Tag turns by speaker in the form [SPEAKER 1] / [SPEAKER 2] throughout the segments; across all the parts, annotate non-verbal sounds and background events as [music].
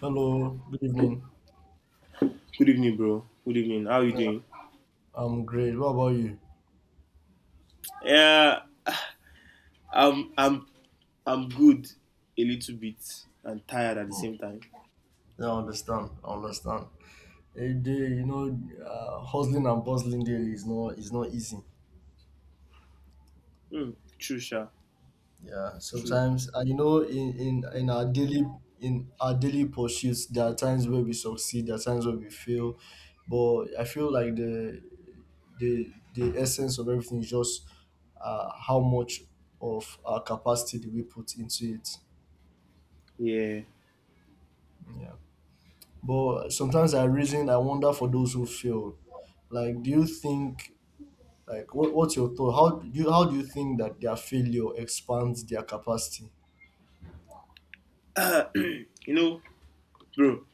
[SPEAKER 1] Hello, good evening.
[SPEAKER 2] Good evening, bro. Good evening. How are you doing?
[SPEAKER 1] I'm great. What about you?
[SPEAKER 2] Yeah, I'm I'm good a little bit and tired at the
[SPEAKER 1] Hmm.
[SPEAKER 2] same time.
[SPEAKER 1] Yeah, I understand. I understand. A day, you know, hustling and bustling daily is not easy.
[SPEAKER 2] Hmm. True, sha.
[SPEAKER 1] Yeah,
[SPEAKER 2] True.
[SPEAKER 1] sometimes and you know, in our daily pursuits, there are times where we succeed, there are times where we fail. But I feel like the essence of everything is just how much of our capacity do we put into it.
[SPEAKER 2] Yeah.
[SPEAKER 1] Yeah. But sometimes I reason, I wonder for those who fail. Like, do you think, like, what's your thought? How do you think that their failure expands their capacity?
[SPEAKER 2] You know, bro,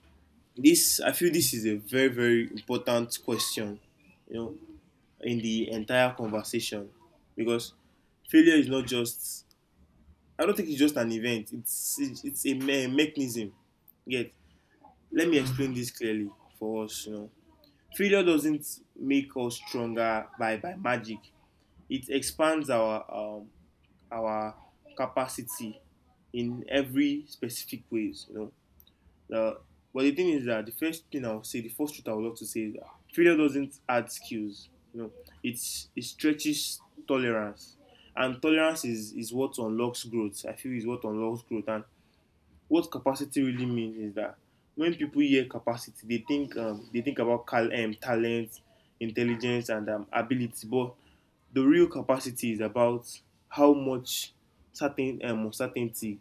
[SPEAKER 2] this I feel this is a very, very important question, you know, in the entire conversation. Because failure is not just I don't think it's just an event. It's a mechanism. Yet, let me
[SPEAKER 1] Mm.
[SPEAKER 2] explain this clearly for us, you know. Failure doesn't make us stronger by, magic. It expands our capacity in every specific ways, you know. But the thing is that the first thing I would say, the first truth I would love to say is that failure doesn't add skills, you know. It stretches tolerance, and tolerance is what unlocks growth. I feel is what unlocks growth. And what capacity really means is that when people hear capacity, they think about talent, intelligence, and ability. But the real capacity is about how much certainty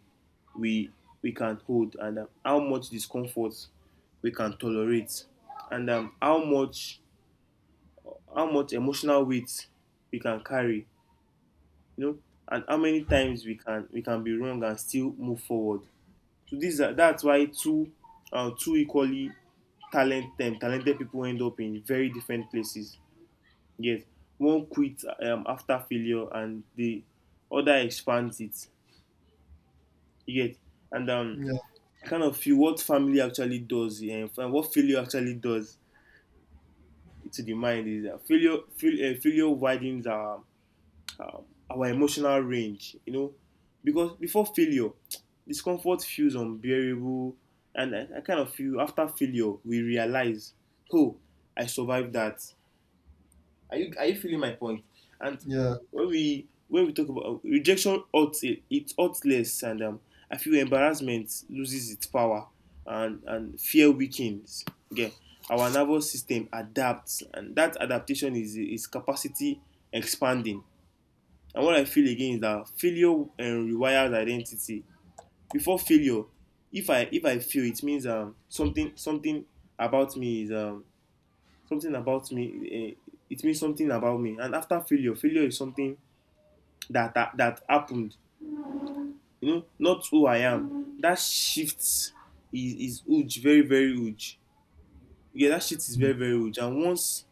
[SPEAKER 2] we can hold, and how much discomfort we can tolerate, and how much emotional weight we can carry. You know, and how many times we can be wrong and still move forward. So this that's why two two equally talented people end up in very different places. Yes, one quit after failure, and the other expands it. You get. And
[SPEAKER 1] Yeah,
[SPEAKER 2] I kind of feel what family actually does and what failure actually does to the mind is that failure widens our emotional range, you know. Because before failure, [tsk] discomfort feels unbearable. And I kind of feel after failure, we realize, oh, I survived that. Are you feeling my point? And
[SPEAKER 1] yeah,
[SPEAKER 2] when we talk about rejection, hurts it hurts less, and I feel embarrassment loses its power, and fear weakens. Okay, our nervous system adapts, and that adaptation is capacity expanding. And what I feel again is that failure rewires identity. Before failure, if I fail, it means about me is um something about me. It means something about me. And after failure, failure is something that that happened. You know, not who I am. That shift is huge, very, very huge. Yeah, that shift is very,
[SPEAKER 1] Mm.
[SPEAKER 2] very huge. And once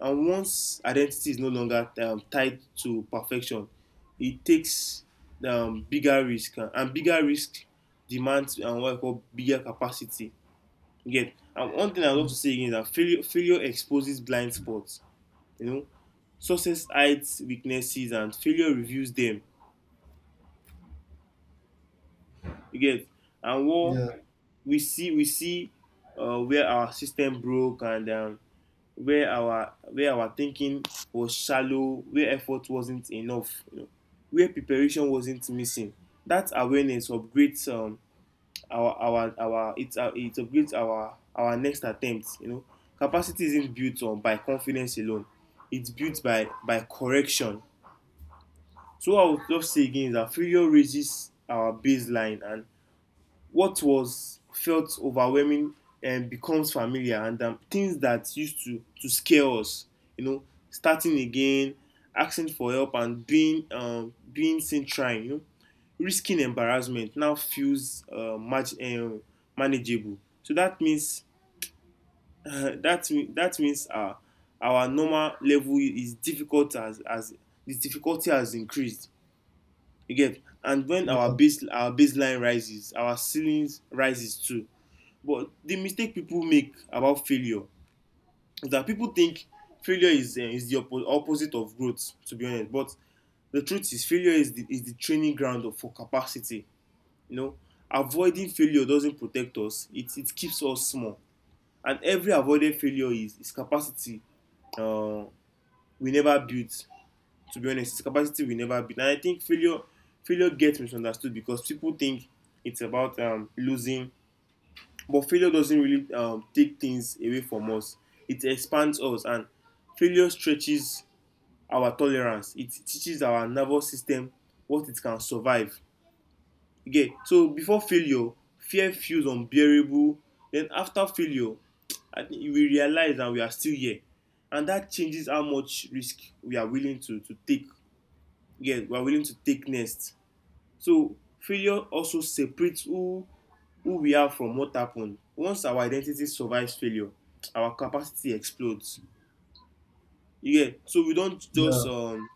[SPEAKER 2] and once identity is no longer tied to perfection, it takes bigger risk, and bigger risk demands what I call bigger capacity. Again, and one thing I love to
[SPEAKER 1] mm.
[SPEAKER 2] say again is that failure exposes blind spots. You know, success hides weaknesses, and failure reveals them. You get, and what
[SPEAKER 1] yeah,
[SPEAKER 2] we see where our system broke, and where our thinking was shallow, where effort wasn't enough, you know, where preparation wasn't missing. That awareness upgrades our it upgrades our next attempt, you know. Capacity isn't built on by confidence alone. It's built by correction. So what I would love to say again is that failure raises our baseline, and what was felt overwhelming and becomes familiar, and things that used to scare us, you know, starting again, asking for help, and being being seen trying, you know, risking embarrassment, now feels manageable. So that means [laughs] that means our normal level is difficult, as the difficulty has increased. You get. And when our
[SPEAKER 1] yeah,
[SPEAKER 2] baseline rises, our ceilings rises too. But the mistake people make about failure is that people think failure is the opposite of growth. To be honest, but the truth is failure is the training ground of- for capacity. You know, avoiding failure doesn't protect us. It keeps us small, and every avoided failure is capacity uh, we never built. To be honest, it's capacity we never built. And I think failure gets misunderstood because people think it's about losing. But failure doesn't really take things away from us. It expands us. And failure stretches our tolerance. It teaches our nervous system what it can survive. You get. So before failure, fear feels unbearable. Then after failure, I think we realize that we are still here, and that changes how much risk we are willing to take. Yeah, we are willing to take next. So failure also separates who we are from what happened. Once our identity survives failure, our capacity explodes. You get. So we don't just
[SPEAKER 1] Yeah,
[SPEAKER 2] um,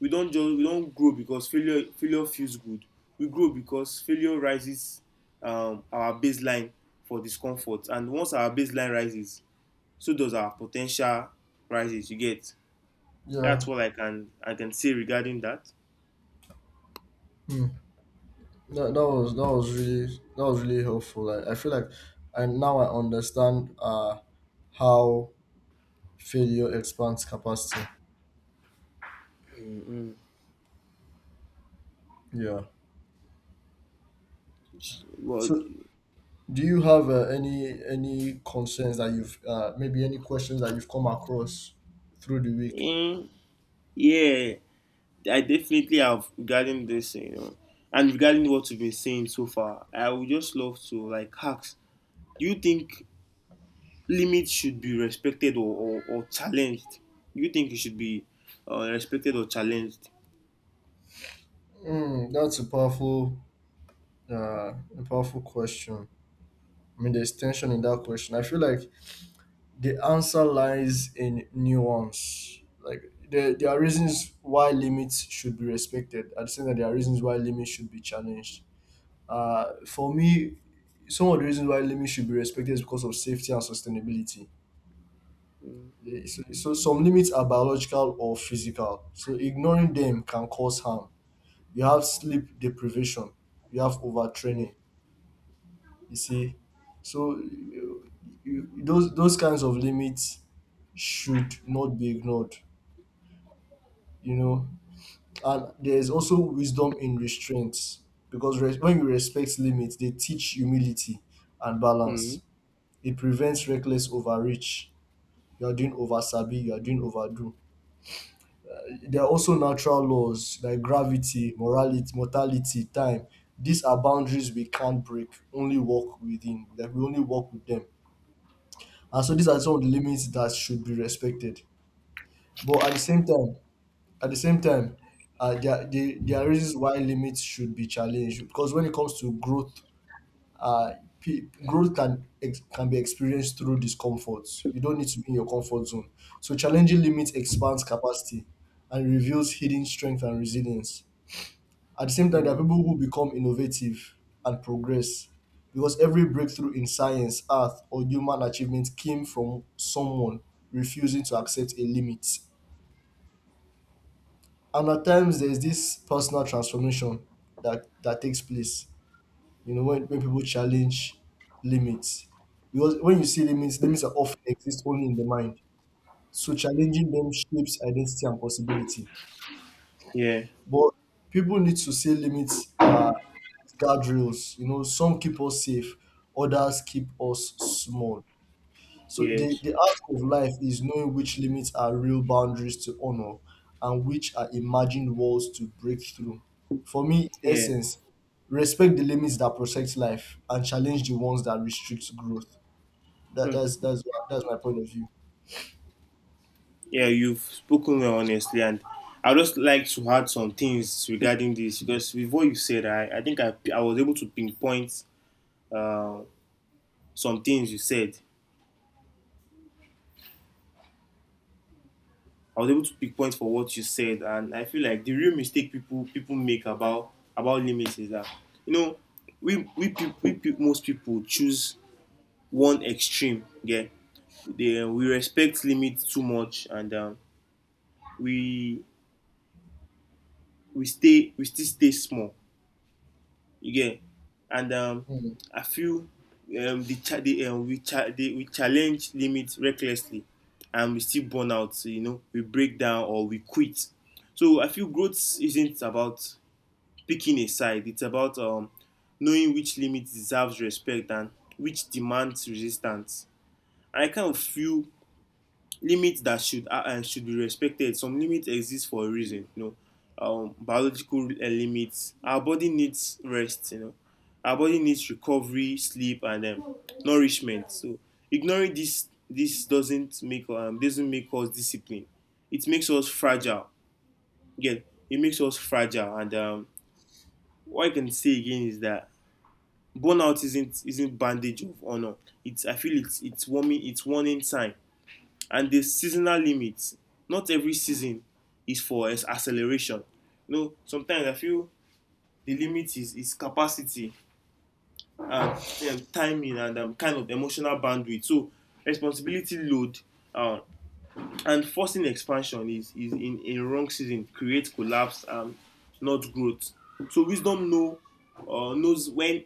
[SPEAKER 2] we not just we not grow because failure feels good. We grow because failure rises our baseline for discomfort. And once our baseline rises, so does our potential rises. You get.
[SPEAKER 1] yeah.
[SPEAKER 2] That's what I can say regarding that.
[SPEAKER 1] Mm. That, that was that was really that was really helpful. Like I feel like I now I understand how failure expands capacity. Yeah.
[SPEAKER 2] Well,
[SPEAKER 1] So do you have any concerns that you've maybe any questions that you've come across through the week?
[SPEAKER 2] mm, yeah, I definitely have regarding this, you know, and regarding what we have been saying so far. I would just love to like ask: do you think limits should be respected or challenged? Do you think it should be respected or challenged?
[SPEAKER 1] Mm, that's uh, a powerful question. I mean, there's tension in that question. I feel like the answer lies in nuance. Like there are reasons why limits should be respected. I'd say that there are reasons why limits should be challenged. For me, some of the reasons why limits should be respected is because of safety and sustainability.
[SPEAKER 2] Mm,
[SPEAKER 1] Yeah, so, some limits are biological or physical. So ignoring them can cause harm. You have sleep deprivation. You have
[SPEAKER 2] yeah.
[SPEAKER 1] overtraining. You see, so you, those kinds of limits should not be ignored. You know, and there is also wisdom in restraints because when you respect limits, they teach humility and
[SPEAKER 2] Mm,
[SPEAKER 1] balance. It prevents reckless overreach. You are doing over sabi. You are doing overdo. There are also natural laws like gravity, morality, mortality, time. These are boundaries we can't break, only walk within. Like we only walk with them. And so these are some of the limits that should be respected. But at the same time, there, there are reasons why limits should be challenged. Because when it comes to growth, uh, can be experienced through discomfort. You don't need to be in your comfort zone. So challenging limits expands capacity and reveals hidden strength and resilience. At the same time, there are
[SPEAKER 2] mm,
[SPEAKER 1] people who become innovative and progress because every breakthrough in science, art, or human achievement came from someone refusing to accept a limit. And at times, there's this personal transformation that takes place, you know, when people challenge limits. Because when you see limits, limits are often exist only in the mind. So challenging them shapes identity and possibility.
[SPEAKER 2] yeah.
[SPEAKER 1] But people need to say limits are guardrails. You know, some keep us safe, others keep us small. So
[SPEAKER 2] Yes.
[SPEAKER 1] the art of life is knowing which limits are real boundaries to honor and which are imagined walls to break through. For me, in
[SPEAKER 2] Yeah.
[SPEAKER 1] essence, respect the limits that protect life and challenge the ones that restrict growth. That,
[SPEAKER 2] Hmm.
[SPEAKER 1] that's that's that's my point of view.
[SPEAKER 2] Yeah. You've spoken well, honestly, and I would just like to add some things regarding this. Because with what you said, I think I was able to pinpoint some things you said. I was able to pinpoint for what you said, and I feel like the real mistake people make about limits is that, you know, we peop most people choose one extreme. Yeah, we respect limits too much, and we we still stay small. You and
[SPEAKER 1] Mm.
[SPEAKER 2] I feel, the, cha- the we cha- the, we challenge limits recklessly, and we still burn out. You know, we break down or we quit. So I feel growth isn't about picking a side. It's about knowing which limit deserves respect and which demands resistance. And I kind of feel limits that should be respected. Some limits exist for a reason, you know. Biological limits: our body needs rest, you know. Our body needs recovery, sleep, and nourishment. So ignoring this doesn't make us disciplined. It makes us fragile. Again, it makes us fragile. And what I can say again is that burnout isn't bandage of honor. It's I feel It's warming it's warning sign. And the seasonal limits: not every season is for acceleration, you know. Sometimes I feel the limit is capacity, and timing, and kind of emotional bandwidth, so responsibility load, um, and forcing expansion is, in a wrong season, create collapse and not growth. So wisdom knows when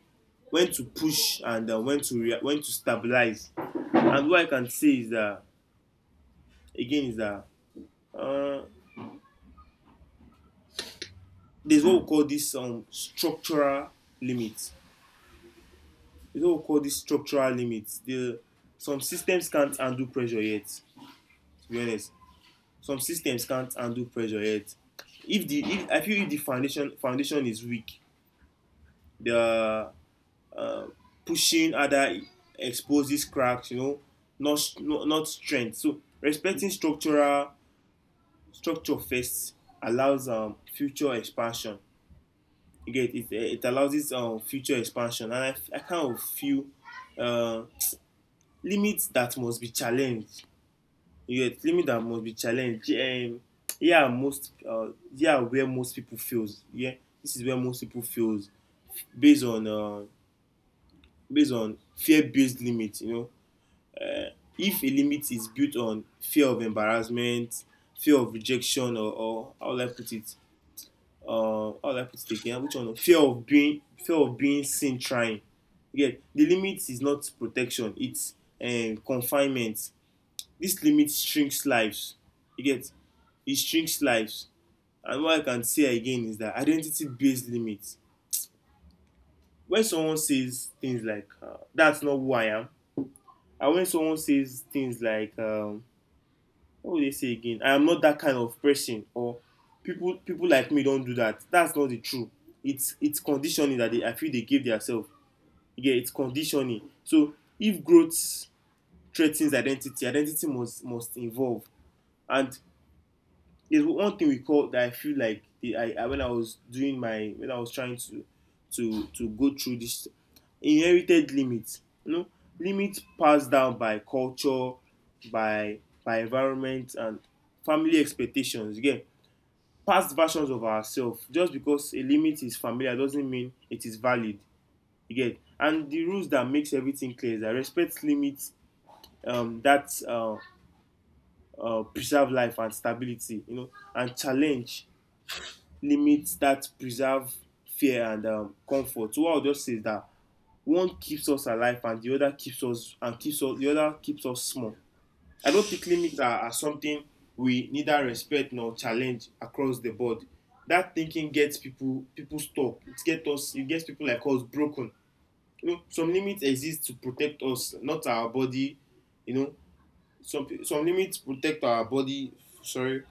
[SPEAKER 2] to push and when to when to stabilize. And what I can say is that again is that uh, there's what we call this structural limits. There's what we call this structural limits. The Some systems can't handle pressure yet. To be honest, some systems can't handle pressure yet. If the if I feel if the foundation is weak, the pushing other exposes cracks, you know, not not strength. So respecting structural structure first allows future expansion. You get it? It allows this future expansion. And I kind of feel uh limits that must be challenged. You get, limit that must be challenged. Yeah, most uh yeah, where most people fails. Yeah, this is where most people fails based on based on fear based limits. You know, if a limit is built on fear of embarrassment, fear of rejection, or, how will I put it again, which one, fear of being seen trying. Yeah, the limit is not protection. It's confinement. This limit shrinks lives. You get. It shrinks lives. And what I can say again is that identity based limit, when someone says things like that's not who I am, and when someone says things like what will they say again I am not that kind of person, or people like me don do that. That's not the true. It's conditioning that they, I feel, they give theirself. Yeah, it's conditioning. So if growth threa ten identity, identity must involve. And there's one thing we call that. I feel like the, I when I was doing my when I was trying to to go through this, inherited limits, you know, limits passed down by culture, by environment and family expectations. Again, past versions of ourselves. Just because a limit is familiar doesn't mean it is valid. You get and the rules that makes everything clear is that respect limits that preserve life and stability. You know and challenge limits that preserve fear and comfort. So what I'll just say is that one keeps us alive and the other keeps us and keeps us the other keeps us small. I don't think limits are something we neither respect nor challenge across the board. That thinking gets people stuck. It gets people like us broken. You know, some limits exist to protect us, not our body. You know, some limits protect our body. Sorry,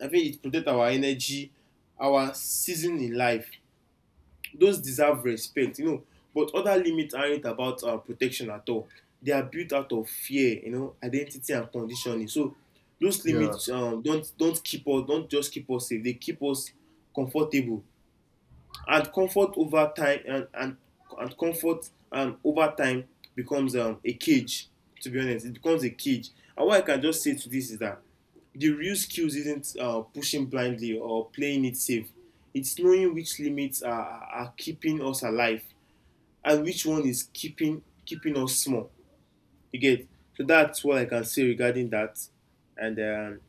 [SPEAKER 2] I think it protect our energy, our season in life, those deserve respect, but other limits aren't about protection at all. They are built out of fear, identity and conditioning. So those
[SPEAKER 1] Yeah.
[SPEAKER 2] limits, don't keep us don't just keep us safe, they keep us comfortable. And comfort over time and and, and comfort over time becomes, a cage. To be honest, it becomes a cage. And what I can just say to this is that the real skills isn't pushing blindly or playing it safe. It's knowing which limits are keeping us alive and which one is keeping us small. You get. So that's what I can say regarding that. And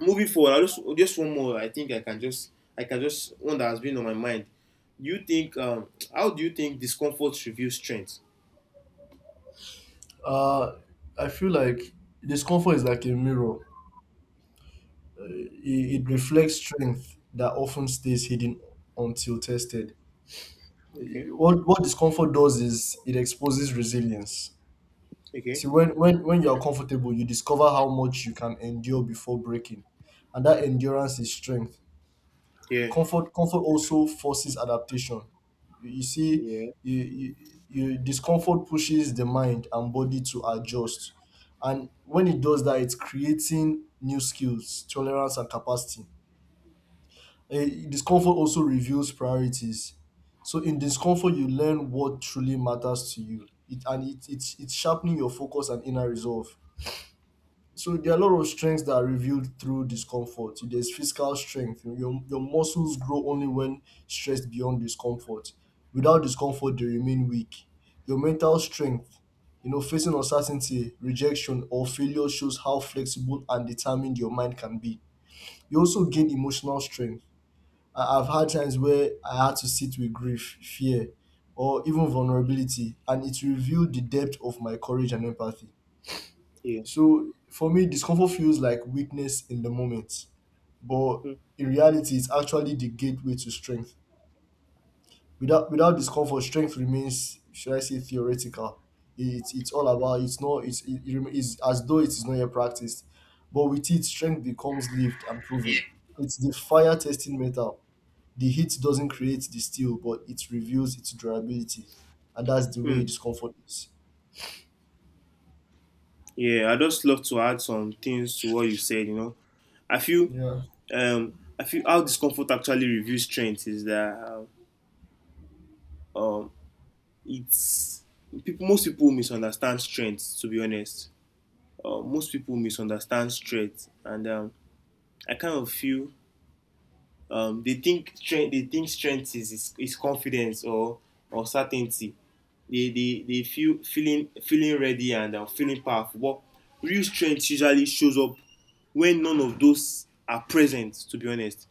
[SPEAKER 2] Moving forward, I just one more. I think I can just, I can just one that has been on my mind. Do you think, how do you think discomfort reveals strength?
[SPEAKER 1] Uh, I feel like discomfort is like a mirror. It
[SPEAKER 2] Mhm.
[SPEAKER 1] reflects strength that often stays hidden until tested.
[SPEAKER 2] Okay,
[SPEAKER 1] What discomfort does is it exposes resilience. You see,
[SPEAKER 2] okay,
[SPEAKER 1] when when you are comfortable, you discover how much you can endure before breaking, and that endurance is strength. The
[SPEAKER 2] yeah,
[SPEAKER 1] comfort also forces adaptation. You see,
[SPEAKER 2] yeah,
[SPEAKER 1] you, you you discomfort pushes the mind and body to adjust, and when it does that, it's creating new skills, tolerance, and capacity. Eh, discomfort also reveals priorities. So in discomfort, you learn what truly matters to you. It and it's sharpening your focus and inner resolve. So there are a lot of strengths that are revealed through discomfort. There's physical strength. Your muscles grow only when stressed beyond discomfort. Without discomfort, they remain weak. Your mental strength, you know, facing uncertainty, rejection, or failure shows how flexible and determined your mind can be. You also gain emotional strength. I have had times where I had to sit with grief, fear, or even vulnerability, and it revealed the depth of my courage and empathy.
[SPEAKER 2] yeah.
[SPEAKER 1] So for me, discomfort feels like weakness in the moment, but
[SPEAKER 2] Hmm.
[SPEAKER 1] in reality, it's actually the gateway to strength. Without discomfort, strength remains, should I say, theoretical. It it's all about it's not it's it, it rem- it's as though it is not yet practiced, but with it, strength becomes lived and proven. It's the fire testing metal, the heat doesn't create the steel but it reveals its durability, and that's the
[SPEAKER 2] Hmm.
[SPEAKER 1] way discomfort is.
[SPEAKER 2] Yeah, I just love to add some things to what you said. You know, I feel
[SPEAKER 1] Yeah.
[SPEAKER 2] I feel how discomfort actually reveals strength is that, um it's, people most people misunderstand strength, to be honest. Most people misunderstand strength, and, I kind of feel, they think strength, they think strength is confidence or certainty. They feeling ready and feeling powerful. But real strength usually shows up when none of those are present, to be honest.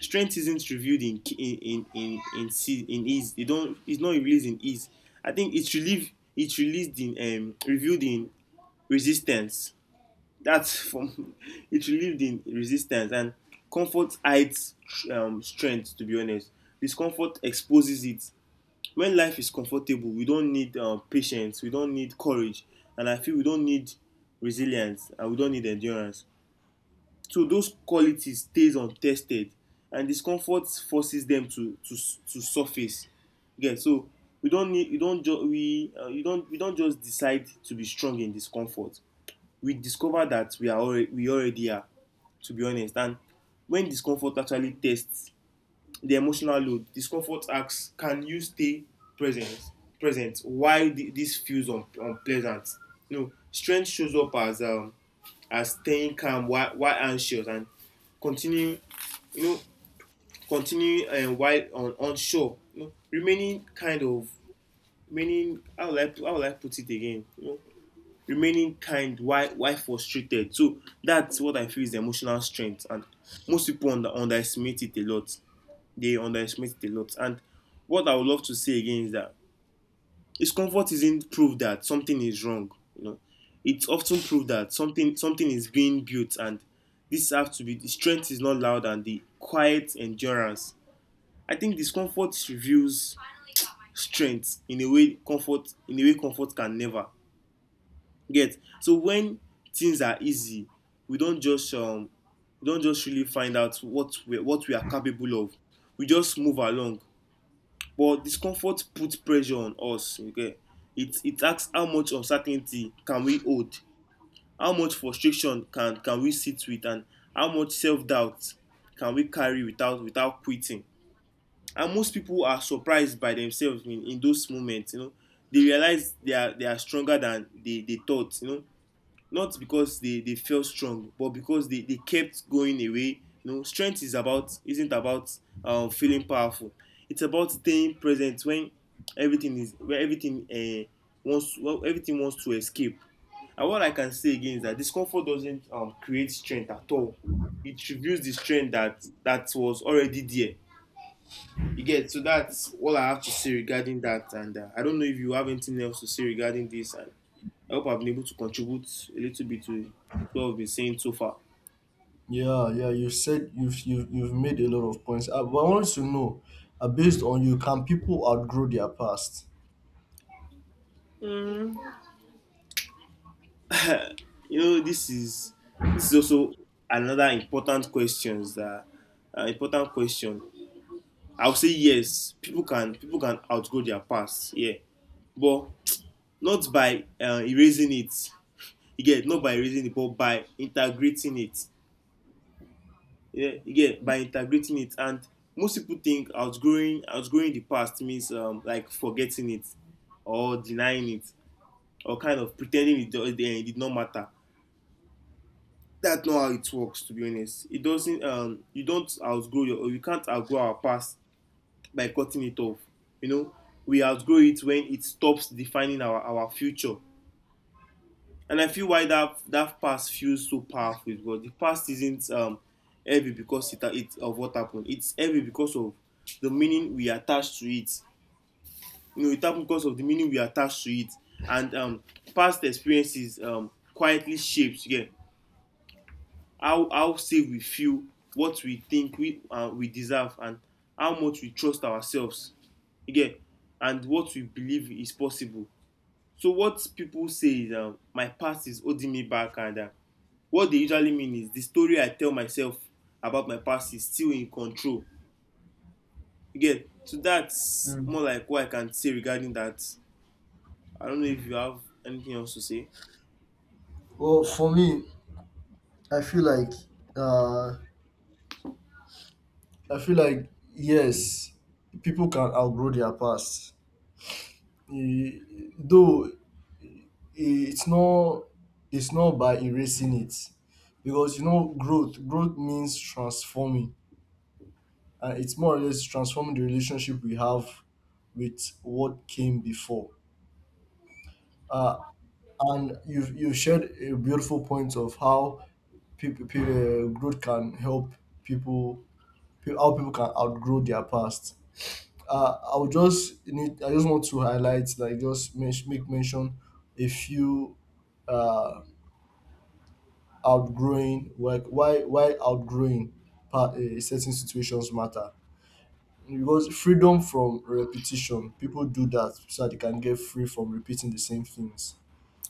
[SPEAKER 2] Strength isn't revealed in ease. They don't, it's not released in ease. I think it's relieved, it's released in, revealed in resistance. That's from [laughs] it relieved in resistance. And comfort hides, strength. To be honest, discomfort exposes it. When life is comfortable, we don't need, patience, we don't need courage, and I feel we don't need resilience and we don't need endurance. So those qualities stays untested, and discomfort forces them to surface. Yeah, so we don't need we don't ju- we you don't we don't just decide to be strong in discomfort. We discover that we already are, to be honest. And when discomfort actually tests the emotional load, discomfort asks, can you stay present, while this feels unpleasant. You know, strength shows up as, as staying calm while anxious, and continuing, you know, continuing, while unsure, you know, remaining kind of, remaining, how will I put it again, you know, remaining kind while frustrated. So that's what I feel is the emotional strength, and most people underestimate it a lot. They underestimate it a lot. And what I would love to say again is that discomfort isn't proof that something is wrong. You know, it's often proof that something is being built. And this has to be, the strength is not loud and the quiet endurance. I think discomfort reveals strength in a way comfort, can never get. So when things are easy, we don't just um, we don't just really find out what we are capable of. We just move along. But discomfort puts pressure on us. Okay. It asks, how much uncertainty can we hold, how much frustration can we sit with, and how much self doubt can we carry without quitting. And most people are surprised by themselves in those moments. You know, they realize they are stronger than they thought. You know, not because they felt strong, but because they kept going away. You know, strength is about, isn't about, feeling powerful. It's about staying present when everything is where everything everything wants to escape. And what I can say again is that discomfort doesn't, create strength at all. It reveals the strength that was already there. You get. So that's all I have to say regarding that. And I don't know if you have anything else to say regarding this. And I hope I've been able to contribute a little bit to what I have been saying so far.
[SPEAKER 1] Yeah, you said you've made a lot of points, but I want to know, based on, you, can people outgrow their past?
[SPEAKER 2] You know, this is, this is also another important questions that, important question. I would say yes, people can outgrow their past, yeah, but not by erasing it. You get, not by erasing it, but by integrating it. Yeah, you get, by integrating it. And most people think outgrowing the past means, like forgetting it, or denying it, or kind of pretending it, it did not matter. That's not how it works, to be honest. It doesn't. You don't outgrow your, or you can't outgrow our past by cutting it off. You know, we outgrow it when it stops defining our future. And I feel why that past feels so powerful is because the past isn't heavy because it of what happened. It's heavy because of the meaning we attach to it. You know, it happened because of the meaning we attach to it, and, past experiences, quietly shapes. Yeah, how safe we feel, what we think we deserve, and how much we trust ourselves. You get. And what we believe is possible. So what people say is, my past is holding me back, and, what dey usually mean is, the story I tell myself about my past is still in control. You get. So that's
[SPEAKER 1] Mm.
[SPEAKER 2] more like what I can say regarding that. I don't know if you have anything else to say.
[SPEAKER 1] Well for me I feel like uh i feel like yes, people can outgrow their past. E- though it's not by erasing it, because you know growth means transforming, and it's more or less transforming the relationship we have with what came before. uh, and you shared a beautiful point of how people growth can help people, how people can outgrow their past. I would just need I just want to highlight, like, just make mention a few, uh, outgrowing, like why outgrowing part, eh, certain situations matter. Because freedom from repetition, people do that so that they can get free from repeating the same things.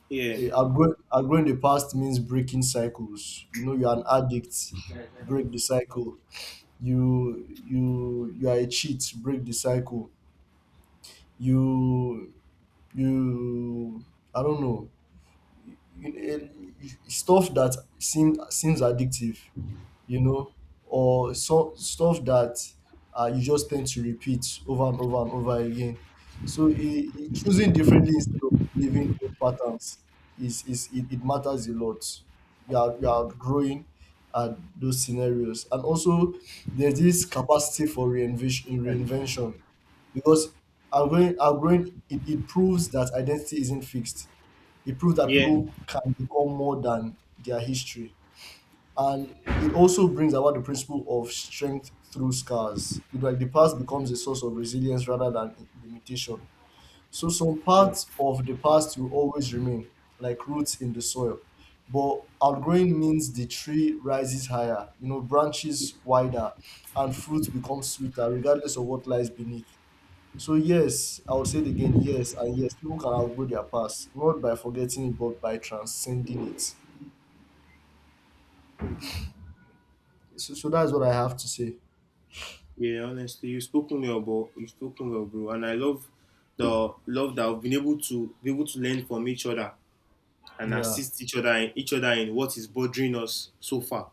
[SPEAKER 2] Yeah,
[SPEAKER 1] Eh, outgrowing the past means breaking cycles. You know, you're an addict, break the cycle. You you are a cheat, break the cycle. you you I don't know, you, you- stuff that seems addictive, you know, or so, stuff that you just tend to repeat over and over and over again. So choosing differently instead of living old patterns is it matters a lot. You are growing at those scenarios, and also there's this capacity for reinvention, reinvention, because outgrowing it, it proves that identity isn't fixed. It proves that
[SPEAKER 2] yeah.
[SPEAKER 1] people can become more than their history, and it also brings about the principle of strength through scars. It, like the past becomes a source of resilience rather than limitation. So some parts of the past will always remain, like roots in the soil. But outgrowing means the tree rises higher, you know, branches wider, and fruits become sweeter, regardless of what lies beneath. So yes, I would say it again, yes, and yes, people can outgrow their past, not by forgetting it, but by transcending it. So, that's what I have to say.
[SPEAKER 2] Yeah, honestly, you've spoken well, bro. You've spoken well, bro. And I love the love that we've been able to be able to learn from each other and
[SPEAKER 1] Yeah.
[SPEAKER 2] assist each other in what is bothering us so far.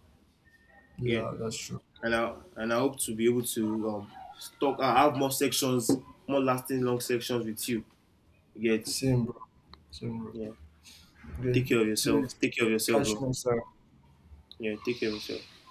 [SPEAKER 2] Yeah,
[SPEAKER 1] Yeah, that's true.
[SPEAKER 2] and I hope to be able to, talk. I have more sections, more lasting long sections with you. You get.
[SPEAKER 1] Same, bro. Same, bro.
[SPEAKER 2] Yeah.
[SPEAKER 1] Okay.
[SPEAKER 2] Take care of
[SPEAKER 1] Two
[SPEAKER 2] yourself.
[SPEAKER 1] is
[SPEAKER 2] Take care of yourself, bro.
[SPEAKER 1] catching us.
[SPEAKER 2] Yeah, take care of yourself.